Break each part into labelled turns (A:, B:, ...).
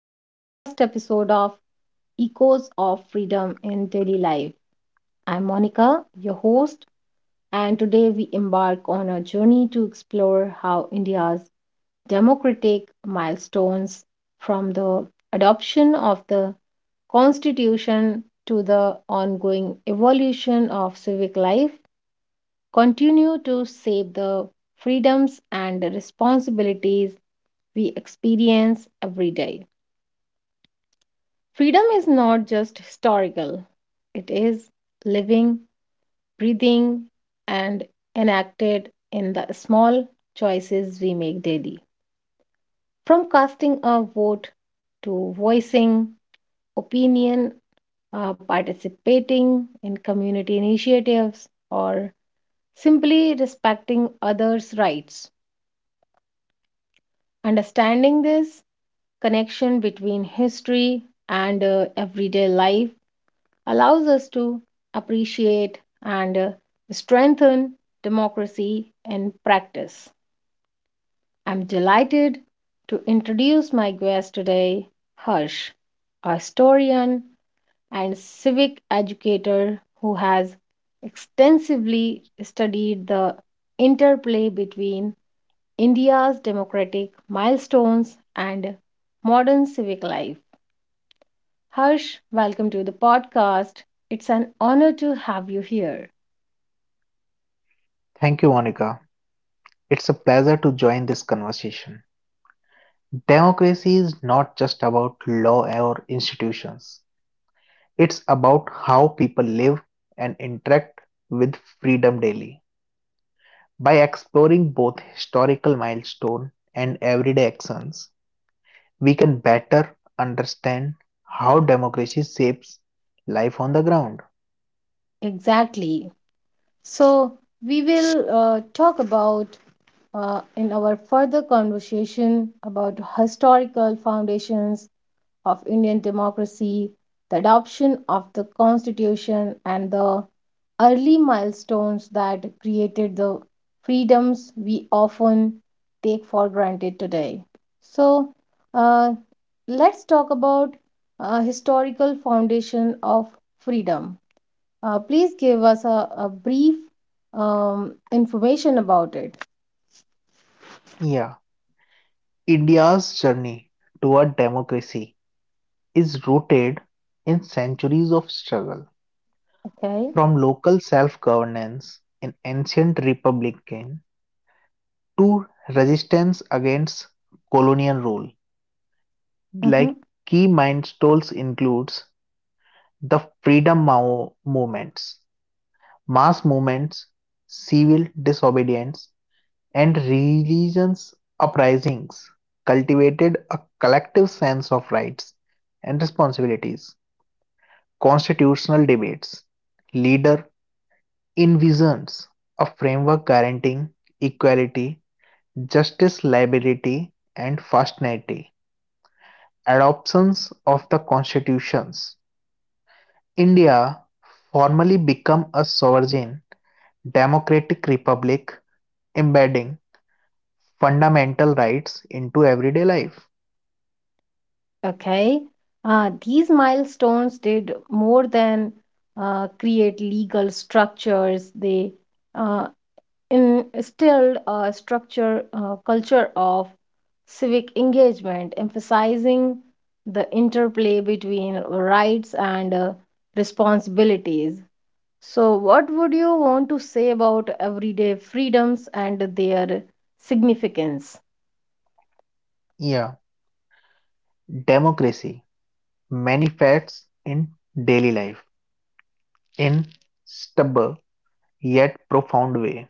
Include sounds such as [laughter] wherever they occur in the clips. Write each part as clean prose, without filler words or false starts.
A: to the first episode of Echoes of Freedom in Daily Life. I'm Monica, your host, and today we embark on a journey to explore how India's democratic milestones from the adoption of the Constitution to the ongoing evolution of civic life continue to shape the freedoms and responsibilities we experience every day. Freedom is not just historical, it is living, breathing, and enacted in the small choices we make daily. From casting a vote to voicing opinion, participating in community initiatives, or simply respecting others' rights. Understanding this connection between history and everyday life allows us to appreciate and strengthen democracy in practice. I'm delighted to introduce my guest today, Harsh, a historian and civic educator who has extensively studied the interplay between India's democratic milestones and modern civic life. Harsh, welcome to the podcast. It's an honor to have you here.
B: Thank you, Monica. It's a pleasure to join this conversation. Democracy is not just about law or institutions, it's about how people live and interact with freedom daily. By exploring both historical milestones and everyday actions, we can better understand how democracy shapes life on the ground.
A: Exactly. So, we will talk about in our further conversation about historical foundations of Indian democracy, the adoption of the constitution and the early milestones that created the freedoms we often take for granted today. So, uh, let's talk about historical foundation of freedom. Please give us a brief information about it.
B: Yeah, India's journey toward democracy is rooted in centuries of struggle.
A: Okay.
B: From local self-governance in ancient republican to resistance against colonial rule,
A: Mm-hmm.
B: like key milestones includes the movements, mass movements, civil disobedience, and religious uprisings cultivated a collective sense of rights and responsibilities, constitutional debates, leader envisions a framework guaranteeing equality, justice, liability, and fraternity. Adoptions of the constitutions. India formally became a sovereign democratic republic, embedding fundamental rights into everyday life.
A: Okay. These milestones did more than create legal structures. They uh, instilled a structure culture of civic engagement emphasizing the interplay between rights and responsibilities. So what would you want to say about everyday freedoms and their significance?
B: Yeah, democracy manifests in daily life in stubborn yet profound way.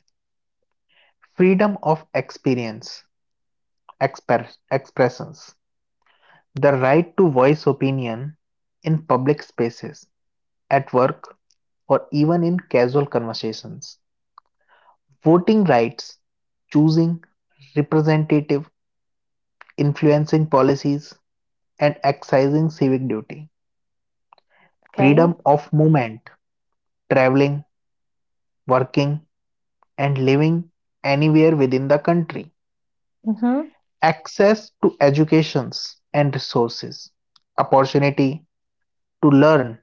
B: Freedom of experience, expressions. The right to voice opinion in public spaces, at work, or even in casual conversations. Voting rights, choosing representative, influencing policies, and exercising civic duty.
A: Okay.
B: Freedom of movement, traveling, working, and living anywhere within the country.
A: Mm-hmm.
B: Access to educations and resources. Opportunity to learn,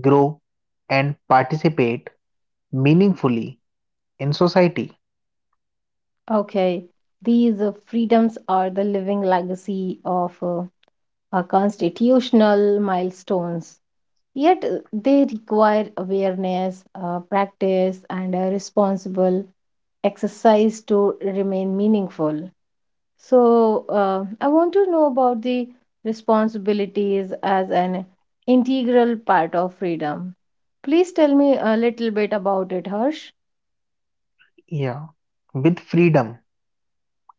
B: grow, and participate meaningfully in society.
A: Okay, these freedoms are the living legacy of our constitutional milestones. Yet they require awareness, practice, and a responsible exercise to remain meaningful. So, I want to know about the responsibilities as an integral part of freedom. Please tell me a little bit about it, Harsh.
B: Yeah, with freedom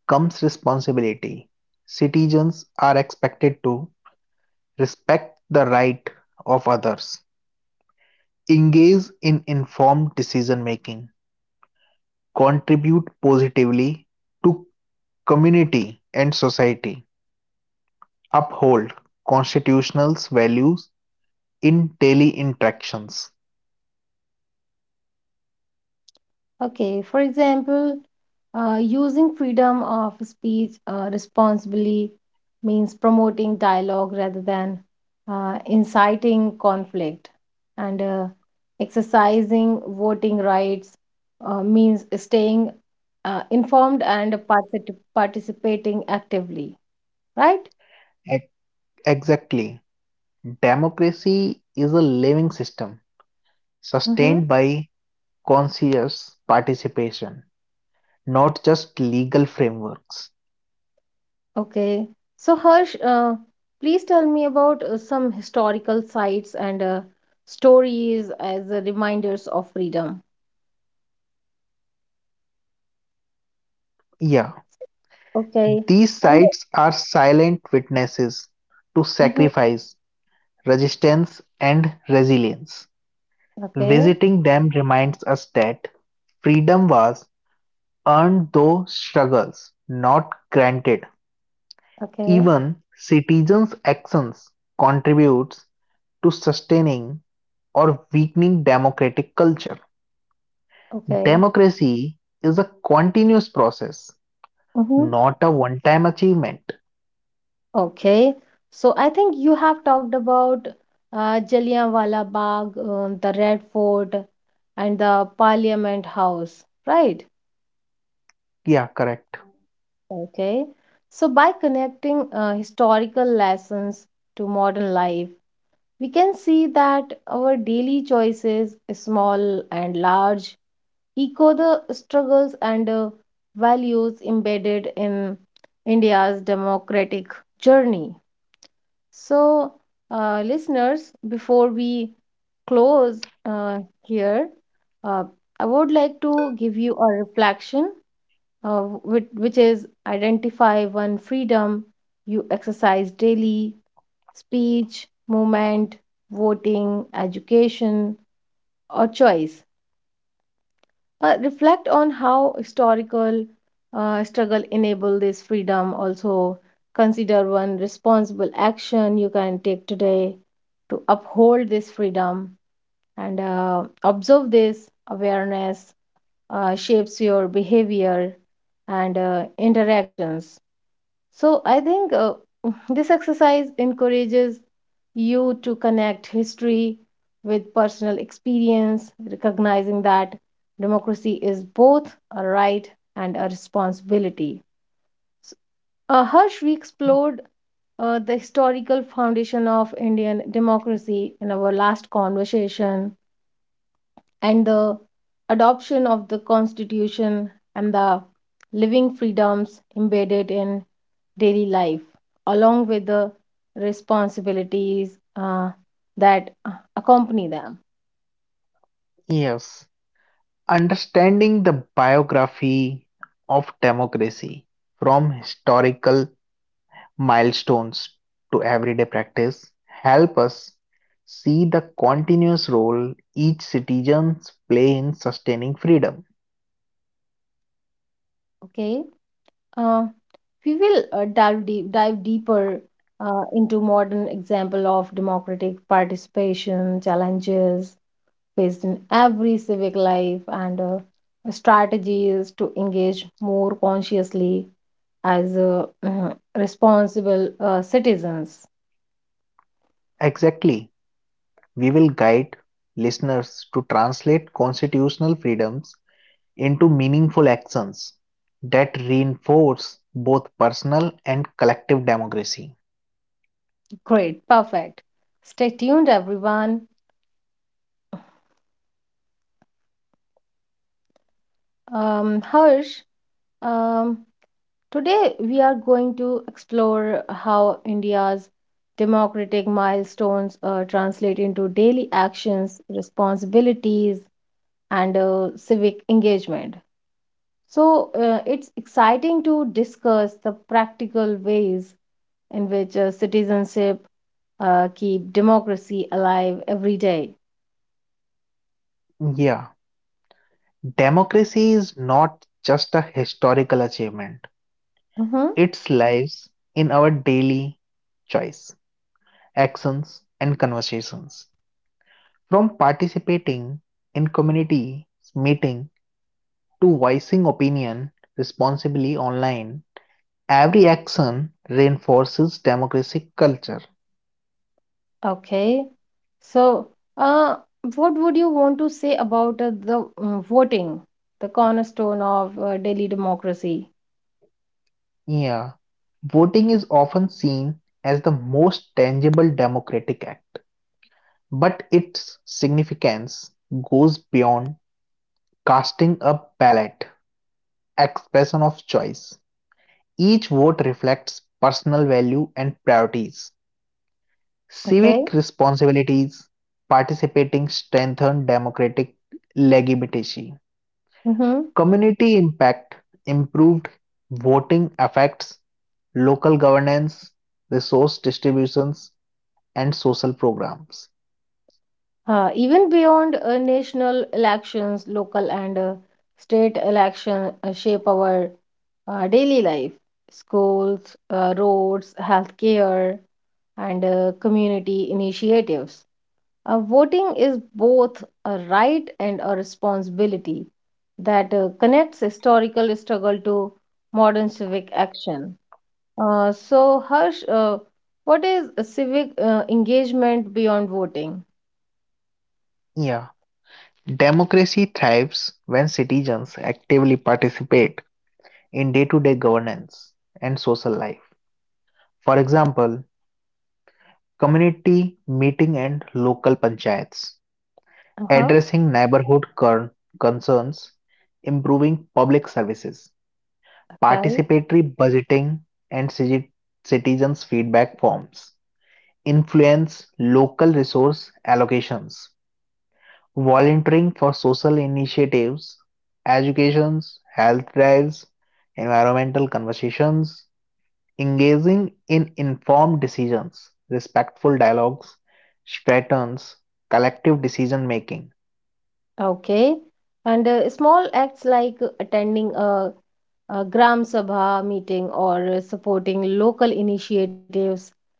B: comes responsibility. Citizens are expected to respect the right of others, engage in informed decision making, contribute positively to community and society, uphold constitutional values in daily interactions.
A: Okay, for example, using freedom of speech responsibly means promoting dialogue rather than inciting conflict. And exercising voting rights means staying informed and participating actively, right?
B: Ex- Exactly. Democracy is a living system
A: Mm-hmm.
B: sustained by conscious participation, not just legal frameworks.
A: Okay. So, Harsh, please tell me about some historical sites and stories as reminders of freedom.
B: Yeah,
A: Okay.
B: these
A: And
B: sites are silent witnesses to
A: mhm.
B: sacrifice, resistance, and resilience.
A: Okay,
B: Visiting them reminds us that freedom was earned through struggles, not granted.
A: okay,
B: Even citizens' actions contributes to sustaining or weakening democratic culture.
A: okay.
B: Democracy is a continuous process,
A: Hmm.
B: not a one time achievement.
A: Okay. So, I think you have talked about Jallianwala Bagh, the Red Fort, and the Parliament House, right?
B: Yeah, correct.
A: Okay. So, by connecting historical lessons to modern life, we can see that our daily choices, small and large, echo the struggles and values embedded in India's democratic journey. So, listeners, before we close here, uh, I would like to give you a reflection, uh, which is identify one freedom you exercise daily: speech, movement, voting, education, or choice. Reflect on how historical struggle enable this freedom. Also, consider one responsible action you can take today to uphold this freedom and observe this awareness shapes your behavior and interactions. So I think [sighs] [laughs] this exercise encourages you to connect history with personal experience, recognizing that democracy is both a right and a responsibility. S- Harsh, we explored the historical foundation of Indian democracy in our last conversation, and the adoption of the Constitution and the living freedoms embedded in daily life, along with the responsibilities that accompany them.
B: Yes. Understanding the biography of democracy from historical milestones to everyday practice help us see the continuous role each citizen play in sustaining freedom.
A: Okay, uh, we will dive deeper into modern example of democratic participation challenges faced in every civic life and strategies to engage more consciously as responsible citizens.
B: Exactly. We will guide listeners to translate constitutional freedoms into meaningful actions that reinforce both personal and collective democracy.
A: Great, perfect. Stay tuned, everyone. Harsh, um, today we are going to explore how India's democratic milestones translate into daily actions, responsibilities, and civic engagement. So it's exciting to discuss the practical ways in which citizenship keep democracy alive every day.
B: Yeah, democracy is not just a historical achievement,
A: Mm-hmm.
B: it lives in our daily choice, actions, and conversations. From participating in community meeting to voicing opinion responsibly online, every action reinforces democratic culture.
A: Okay. So, uh, what would you want to say about voting, the cornerstone of Delhi democracy?
B: Yeah, voting is often seen as the most tangible democratic act, but its significance goes beyond casting a ballot, expression of choice. Each vote reflects personal value and priorities.
A: Okay.
B: Civic responsibilities participating strengthened democratic legitimacy.
A: Mm-hmm.
B: Community impact improved voting affects local governance, resource distributions, and social programs.
A: Even beyond national elections, local and state election shape our daily life. Schools, roads, healthcare, and community initiatives. Voting is both a right and a responsibility that connects historical struggle to modern civic action. So, Harsh, what is a civic engagement beyond voting?
B: Yeah, democracy thrives when citizens actively participate in day to day governance and social life. For example, community meeting and local panchayats,
A: Uh-huh.
B: addressing neighborhood concerns, improving public services, participatory budgeting, and citizens' feedback forms, influence local resource allocations. Volunteering for social initiatives, educations, health drives, environmental conversations, engaging in informed decisions, respectful dialogues, strategies, collective decision making.
A: Okay. And small acts like attending a Gram Sabha meeting or supporting local initiatives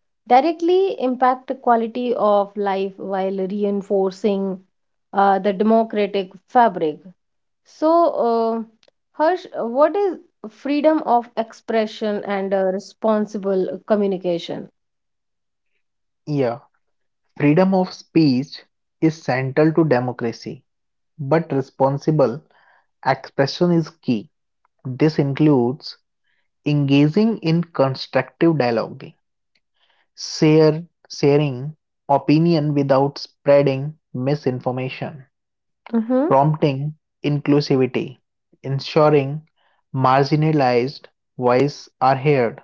A: directly impact the quality of life while reinforcing the democratic fabric. So, uh, Harsh, what is freedom of expression and responsible communication?
B: Yeah, freedom of speech is central to democracy, but responsible expression is key. This includes engaging in constructive dialogue, Share sharing opinion without spreading misinformation,
A: Mm-hmm.
B: prompting inclusivity, ensuring marginalized voices are heard,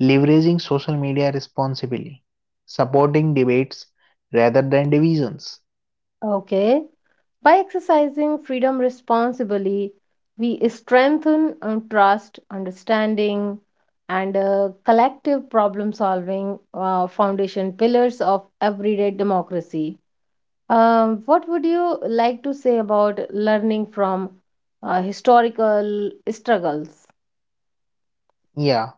B: leveraging social media responsibly, supporting debates rather than divisions.
A: Okay. By exercising freedom responsibly, we strengthen trust, understanding, and collective problem solving, foundation pillars of everyday democracy. What would you like to say about learning from historical struggles?
B: Yeah,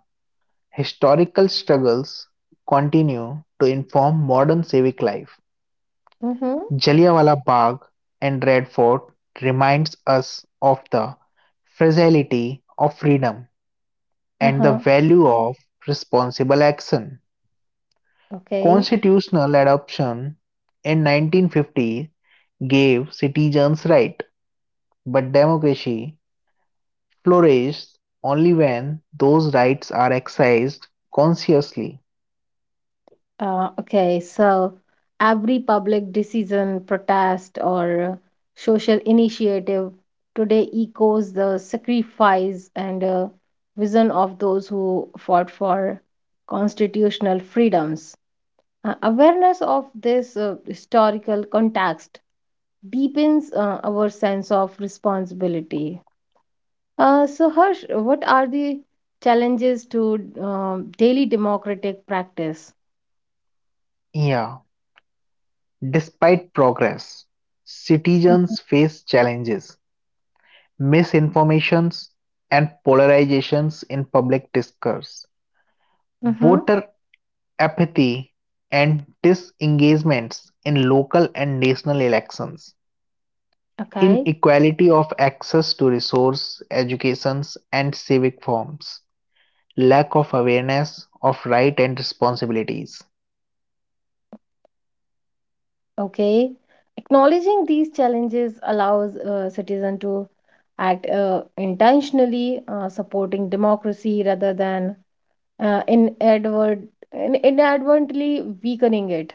B: historical struggles continue to inform modern civic life.
A: Mm-hmm.
B: Jallianwala Bagh and Red Fort reminds us of the fragility of freedom and the
A: Uh-huh.
B: value of responsible action.
A: Okay.
B: Constitutional adoption in 1950 gave citizens rights, but democracy flourishes only when those rights are exercised consciously.
A: Okay, so every public decision, protest, or social initiative today echoes the sacrifice and vision of those who fought for constitutional freedoms. Awareness of this historical context deepens our sense of responsibility. So, Harsh, what are the challenges to daily democratic practice?
B: Yeah, despite progress, citizens face challenges misinformations and polarizations in public discourse,
A: Mm-hmm.
B: voter apathy and disengagements in local and national elections,
A: Okay.
B: inequality of access to resource, educations and civic forms, lack of awareness of rights and responsibilities.
A: Okay. Acknowledging these challenges allows citizen to act intentionally, supporting democracy rather than uh, inadvert- inadvertently weakening it.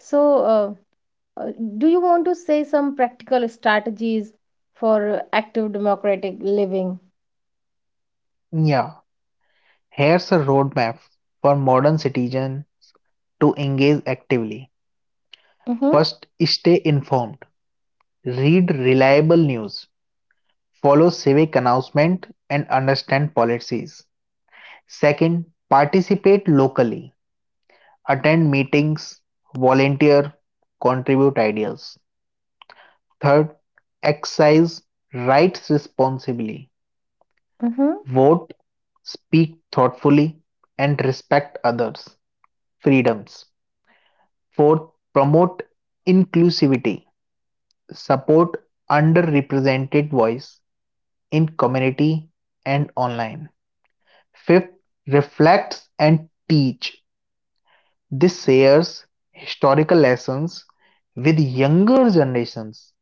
A: So, uh, uh, do you want to say some practical strategies for active democratic living?
B: Yeah, here's a roadmap for modern citizens to engage actively.
A: Mm-hmm,
B: First, stay informed. Read reliable news, follow civic announcement and understand policies. Second, participate locally, attend meetings, volunteer, contribute ideas. Third, exercise rights responsibly,
A: mm-hmm,
B: vote, speak thoughtfully, and respect others' freedoms. Fourth, promote inclusivity, support underrepresented voice in community and online. Fifth, reflects and teach. This shares historical lessons with younger generations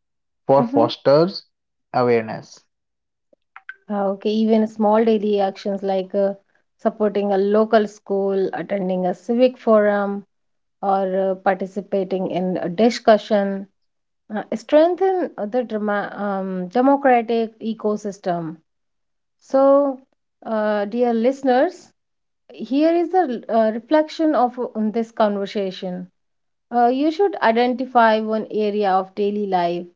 B: for
A: mm-hmm.
B: fosters awareness.
A: Okay, even small daily actions like supporting a local school, attending a civic forum, or participating in a discussion strengthen democratic ecosystem. So, dear listeners, here is the reflection of on this conversation. You should identify one area of daily life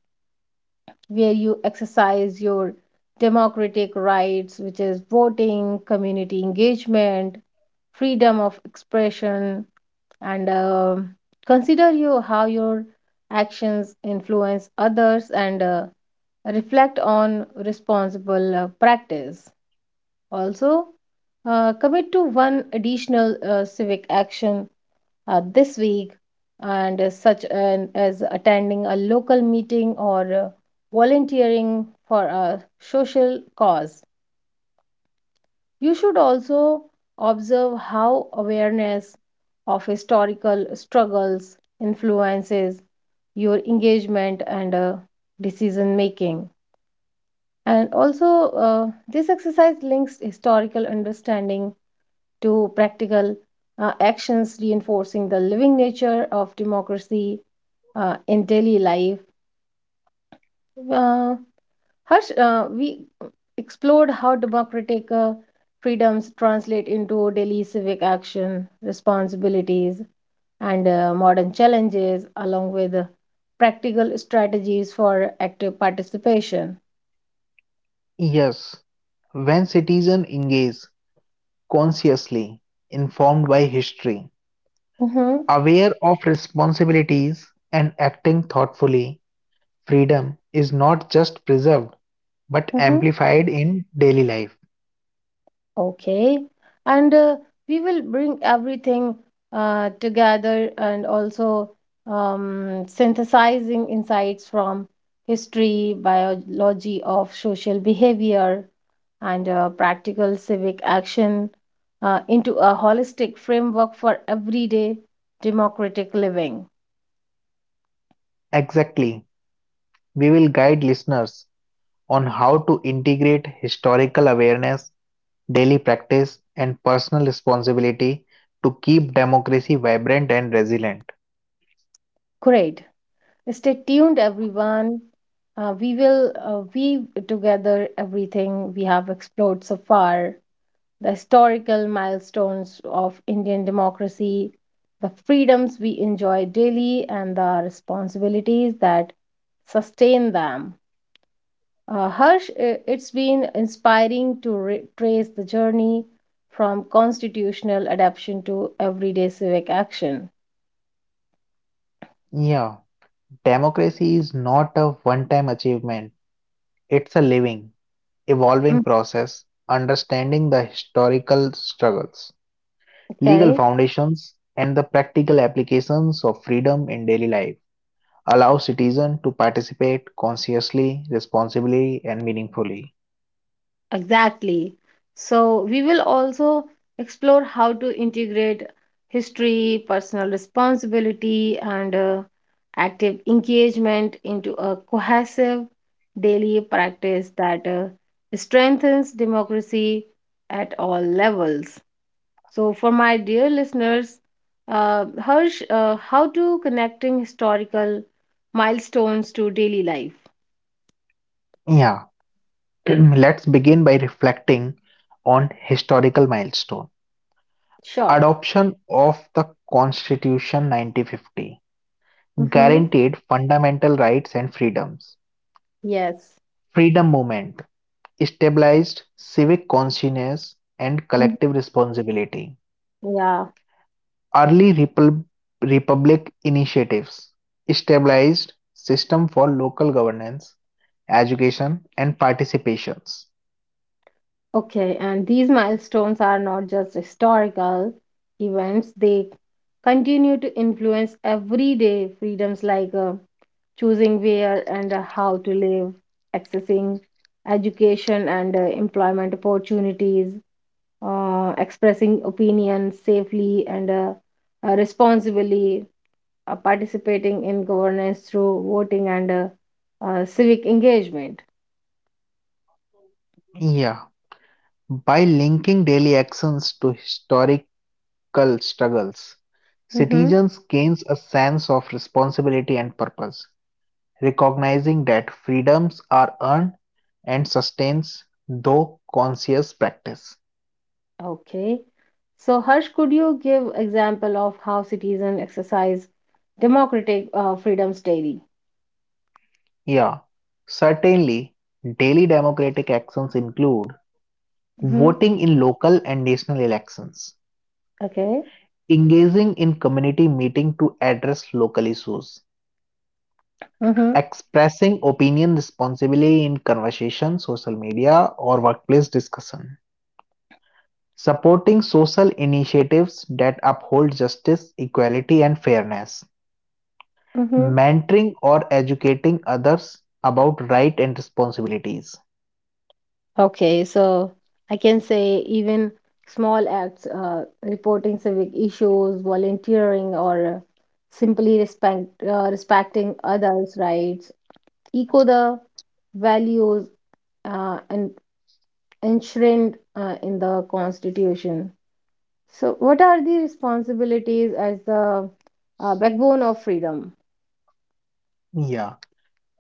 A: where you exercise your democratic rights, which is voting, community engagement, freedom of expression, and consider you how your actions influence others and reflect on responsible practice. Also, commit to one additional civic action this week, and as such an, as attending a local meeting or volunteering for a social cause. You should also observe how awareness of historical struggles influences your engagement and decision making. And also, this exercise links historical understanding to practical actions reinforcing the living nature of democracy in daily life. Uh, Harsh, we explored how democratic freedoms translate into daily civic action, responsibilities, and modern challenges, along with practical strategies for active participation.
B: Yes, when citizens engage consciously, informed by history,
A: Mm-hmm,
B: aware of responsibilities, and acting thoughtfully, freedom is not just preserved but
A: mm-hmm.
B: amplified in daily life.
A: Okay, and we will bring everything together and also synthesizing insights from history, biology of social behavior, and practical civic action into a holistic framework for everyday democratic living.
B: Exactly. We will guide listeners on how to integrate historical awareness, daily practice, and personal responsibility to keep democracy vibrant and resilient.
A: Great. Stay tuned, everyone. We will weave together everything we have explored so far: the historical milestones of Indian democracy, the freedoms we enjoy daily, and the responsibilities that sustain them. Harsh, it's been inspiring to trace the journey from constitutional adoption to everyday civic action.
B: Yeah, democracy is not a one time achievement, it's a living, evolving
A: Mm.
B: process, understanding the historical struggles, legal
A: Okay.
B: foundations, and the practical applications of freedom in daily life. Allow citizens to participate consciously, responsibly, and meaningfully.
A: Exactly. So, we will also explore how to integrate history, personal responsibility, and active engagement into a cohesive daily practice that strengthens democracy at all levels. So, for my dear listeners, Harsh, how to connecting historical milestones to daily life?
B: Yeah, [clears throat] let's begin by reflecting on historical milestone.
A: Sure.
B: Adoption of the Constitution 1950
A: Mm-hmm.
B: guaranteed fundamental rights and freedoms.
A: Yes.
B: Freedom movement established civic consciousness and
A: Mhm.
B: collective responsibility.
A: Yeah.
B: Early repub- republic initiatives established system for local governance, education and participations.
A: Okay, and these milestones are not just historical events, they continue to influence everyday freedoms like choosing where and how to live, accessing education and employment opportunities, expressing opinion safely and responsibly, participating in governance through voting and civic engagement.
B: Yeah, by linking daily actions to historic local struggles,
A: Mhm.
B: citizens gains a sense of responsibility and purpose, recognizing that freedoms are earned and sustains though conscious practice.
A: Okay. So, Harsh, could you give example of how citizens exercise democratic freedoms daily?
B: Yeah, certainly, daily democratic actions include
A: Mm-hmm.
B: voting in local and national elections,
A: Okay.
B: engaging in community meeting to address local issues,
A: Mm-hmm.
B: expressing opinion responsibly in conversation, social media, or workplace discussion, supporting social initiatives that uphold justice, equality, and fairness,
A: Mm-hmm.
B: mentoring or educating others about rights and responsibilities.
A: Okay, so I can say even small acts, reporting civic issues, volunteering, or respecting others' rights, echo the values and enshrined in the Constitution. So, what are the responsibilities as the backbone of freedom?
B: Yeah,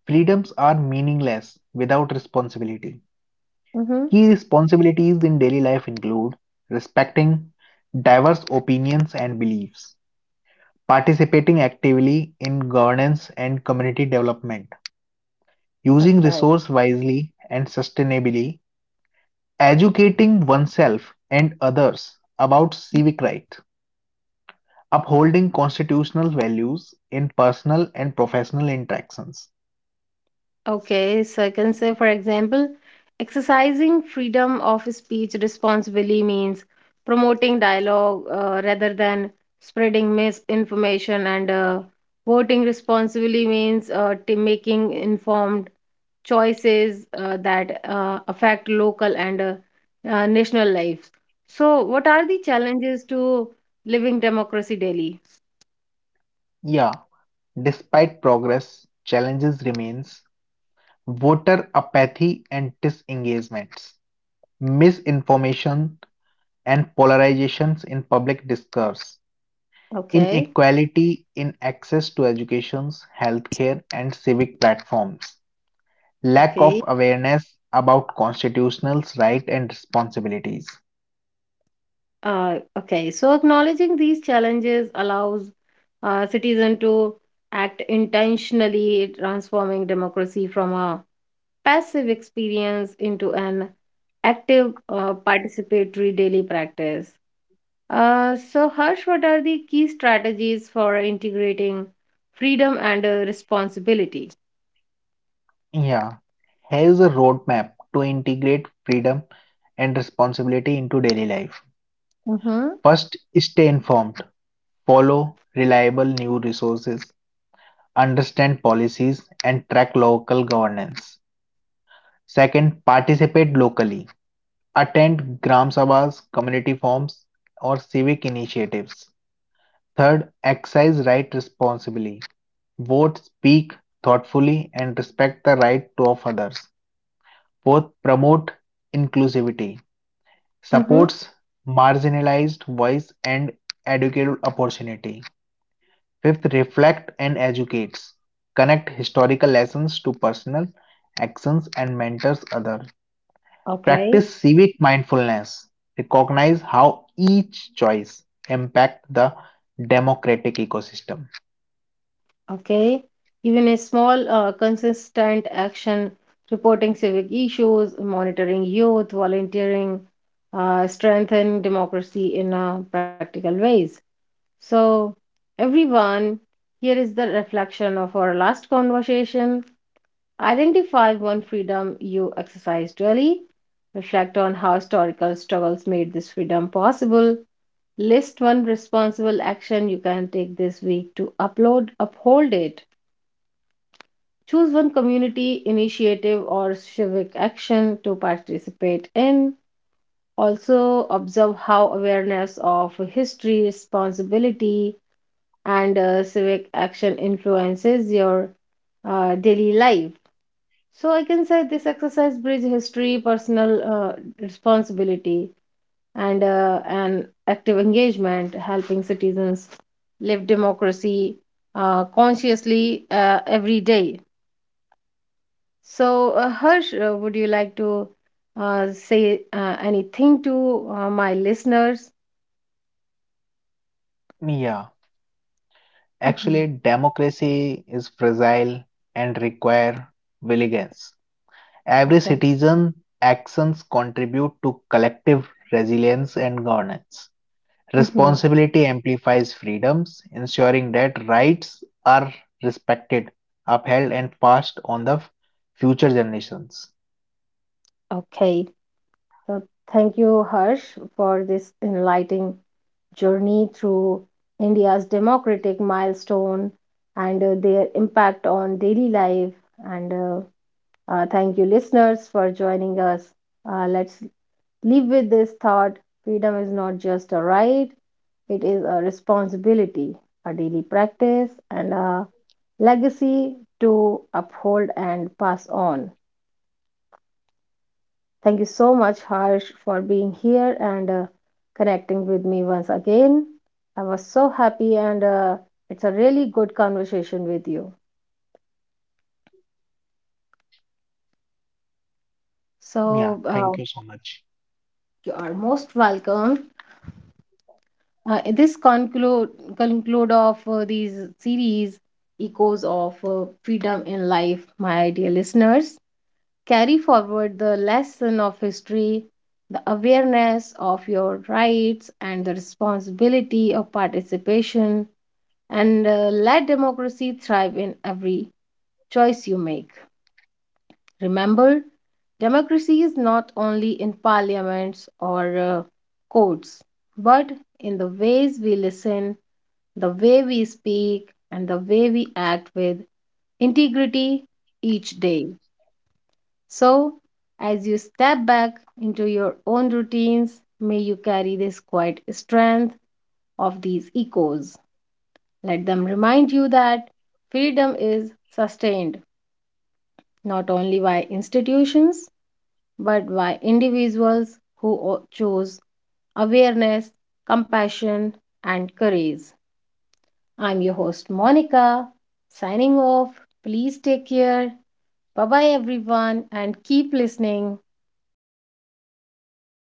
B: freedoms are meaningless without responsibility.
A: Mm-hmm.
B: Key responsibilities in daily life include respecting diverse opinions and beliefs, participating actively in governance and community development, using
A: Okay.
B: resource wisely and sustainably educating oneself and others about civic rights, upholding constitutional values in personal and professional interactions.
A: Okay, so I can say, for example, exercising freedom of speech responsibly means promoting dialogue rather than spreading misinformation, and voting responsibly means making informed choices that affect local and national lives. So, what are the challenges to living democracy daily?
B: Yeah, despite progress, challenges remains voter apathy and disengagements, misinformation and polarizations in public discourse,
A: Okay,
B: inequality in access to education, healthcare and civic platforms, lack
A: okay.
B: of awareness about constitutional rights and responsibilities.
A: Okay, so acknowledging these challenges allows citizens to act intentionally, transforming democracy from a passive experience into an active participatory daily practice. So, Harsh, what are the key strategies for integrating freedom and responsibility?
B: Yeah, here's a roadmap to integrate freedom and responsibility into daily life.
A: Mm-hmm.
B: First, stay informed, follow reliable news resources, understand policies, and track local governance. Second, participate locally, attend Gram Sabhas, community forums, or civic initiatives. Third, exercise right responsibly. Vote, speak thoughtfully, and respect the right to of others. Fourth, promote inclusivity.
A: Mm-hmm.
B: Supports marginalized voice and educated opportunity. Fifth, reflect and educates. Connect historical lessons to personal actions and mentors others.
A: Okay.
B: Practice civic mindfulness. Recognize how each choice impact the democratic ecosystem.
A: Okay, even a small, consistent action, reporting civic issues, monitoring youth, volunteering, strengthen democracy in practical ways. So, everyone, here is the reflection of our last conversation. Identify one freedom you exercised daily. Reflect on how historical struggles made this freedom possible. List one responsible action you can take this week to uphold it. Choose one community initiative or civic action to participate in. Also, observe how awareness of history, responsibility, and civic action influences your daily life. So, I can say this exercise bridge history, personal responsibility, and an active engagement, helping citizens live democracy consciously every day. So, Harsh, would you like to say anything to my listeners?
B: Yeah.
A: Mm-hmm.
B: Actually, democracy is fragile and require vigilance. Every
A: Okay.
B: citizen actions contribute to collective resilience and governance.
A: Hmm.
B: Responsibility amplifies freedoms, ensuring that rights are respected, upheld, and passed on the future generations.
A: Okay. So thank you, Harsh, for this enlightening journey through India's democratic milestone and their impact on daily life. And thank you, listeners, for joining us. Let's leave with this thought: freedom is not just a right, it is a responsibility, a daily practice, and a legacy to uphold and pass on. Thank you so much, Harsh, for being here and connecting with me once again. I was so happy, and it's a really good conversation with you.
B: Yeah,
A: So,
B: thank you so much.
A: you are most welcome. This conclude Conclude of these series echoes of freedom in life, my dear listeners, carry forward the lesson of history, the awareness of your rights, and the responsibility of participation, and let democracy thrive in every choice you make. Remember, democracy is not only in parliaments or courts, but in the ways we listen, the way we speak, and the way we act with integrity each day. So, as you step back into your own routines, may you carry this quiet strength of these echoes. Let them remind you that freedom is sustained not only by institutions but by individuals who choose awareness, compassion, and courage. I'm your host, Monica, signing off. Please take care. Bye bye, everyone, and keep listening.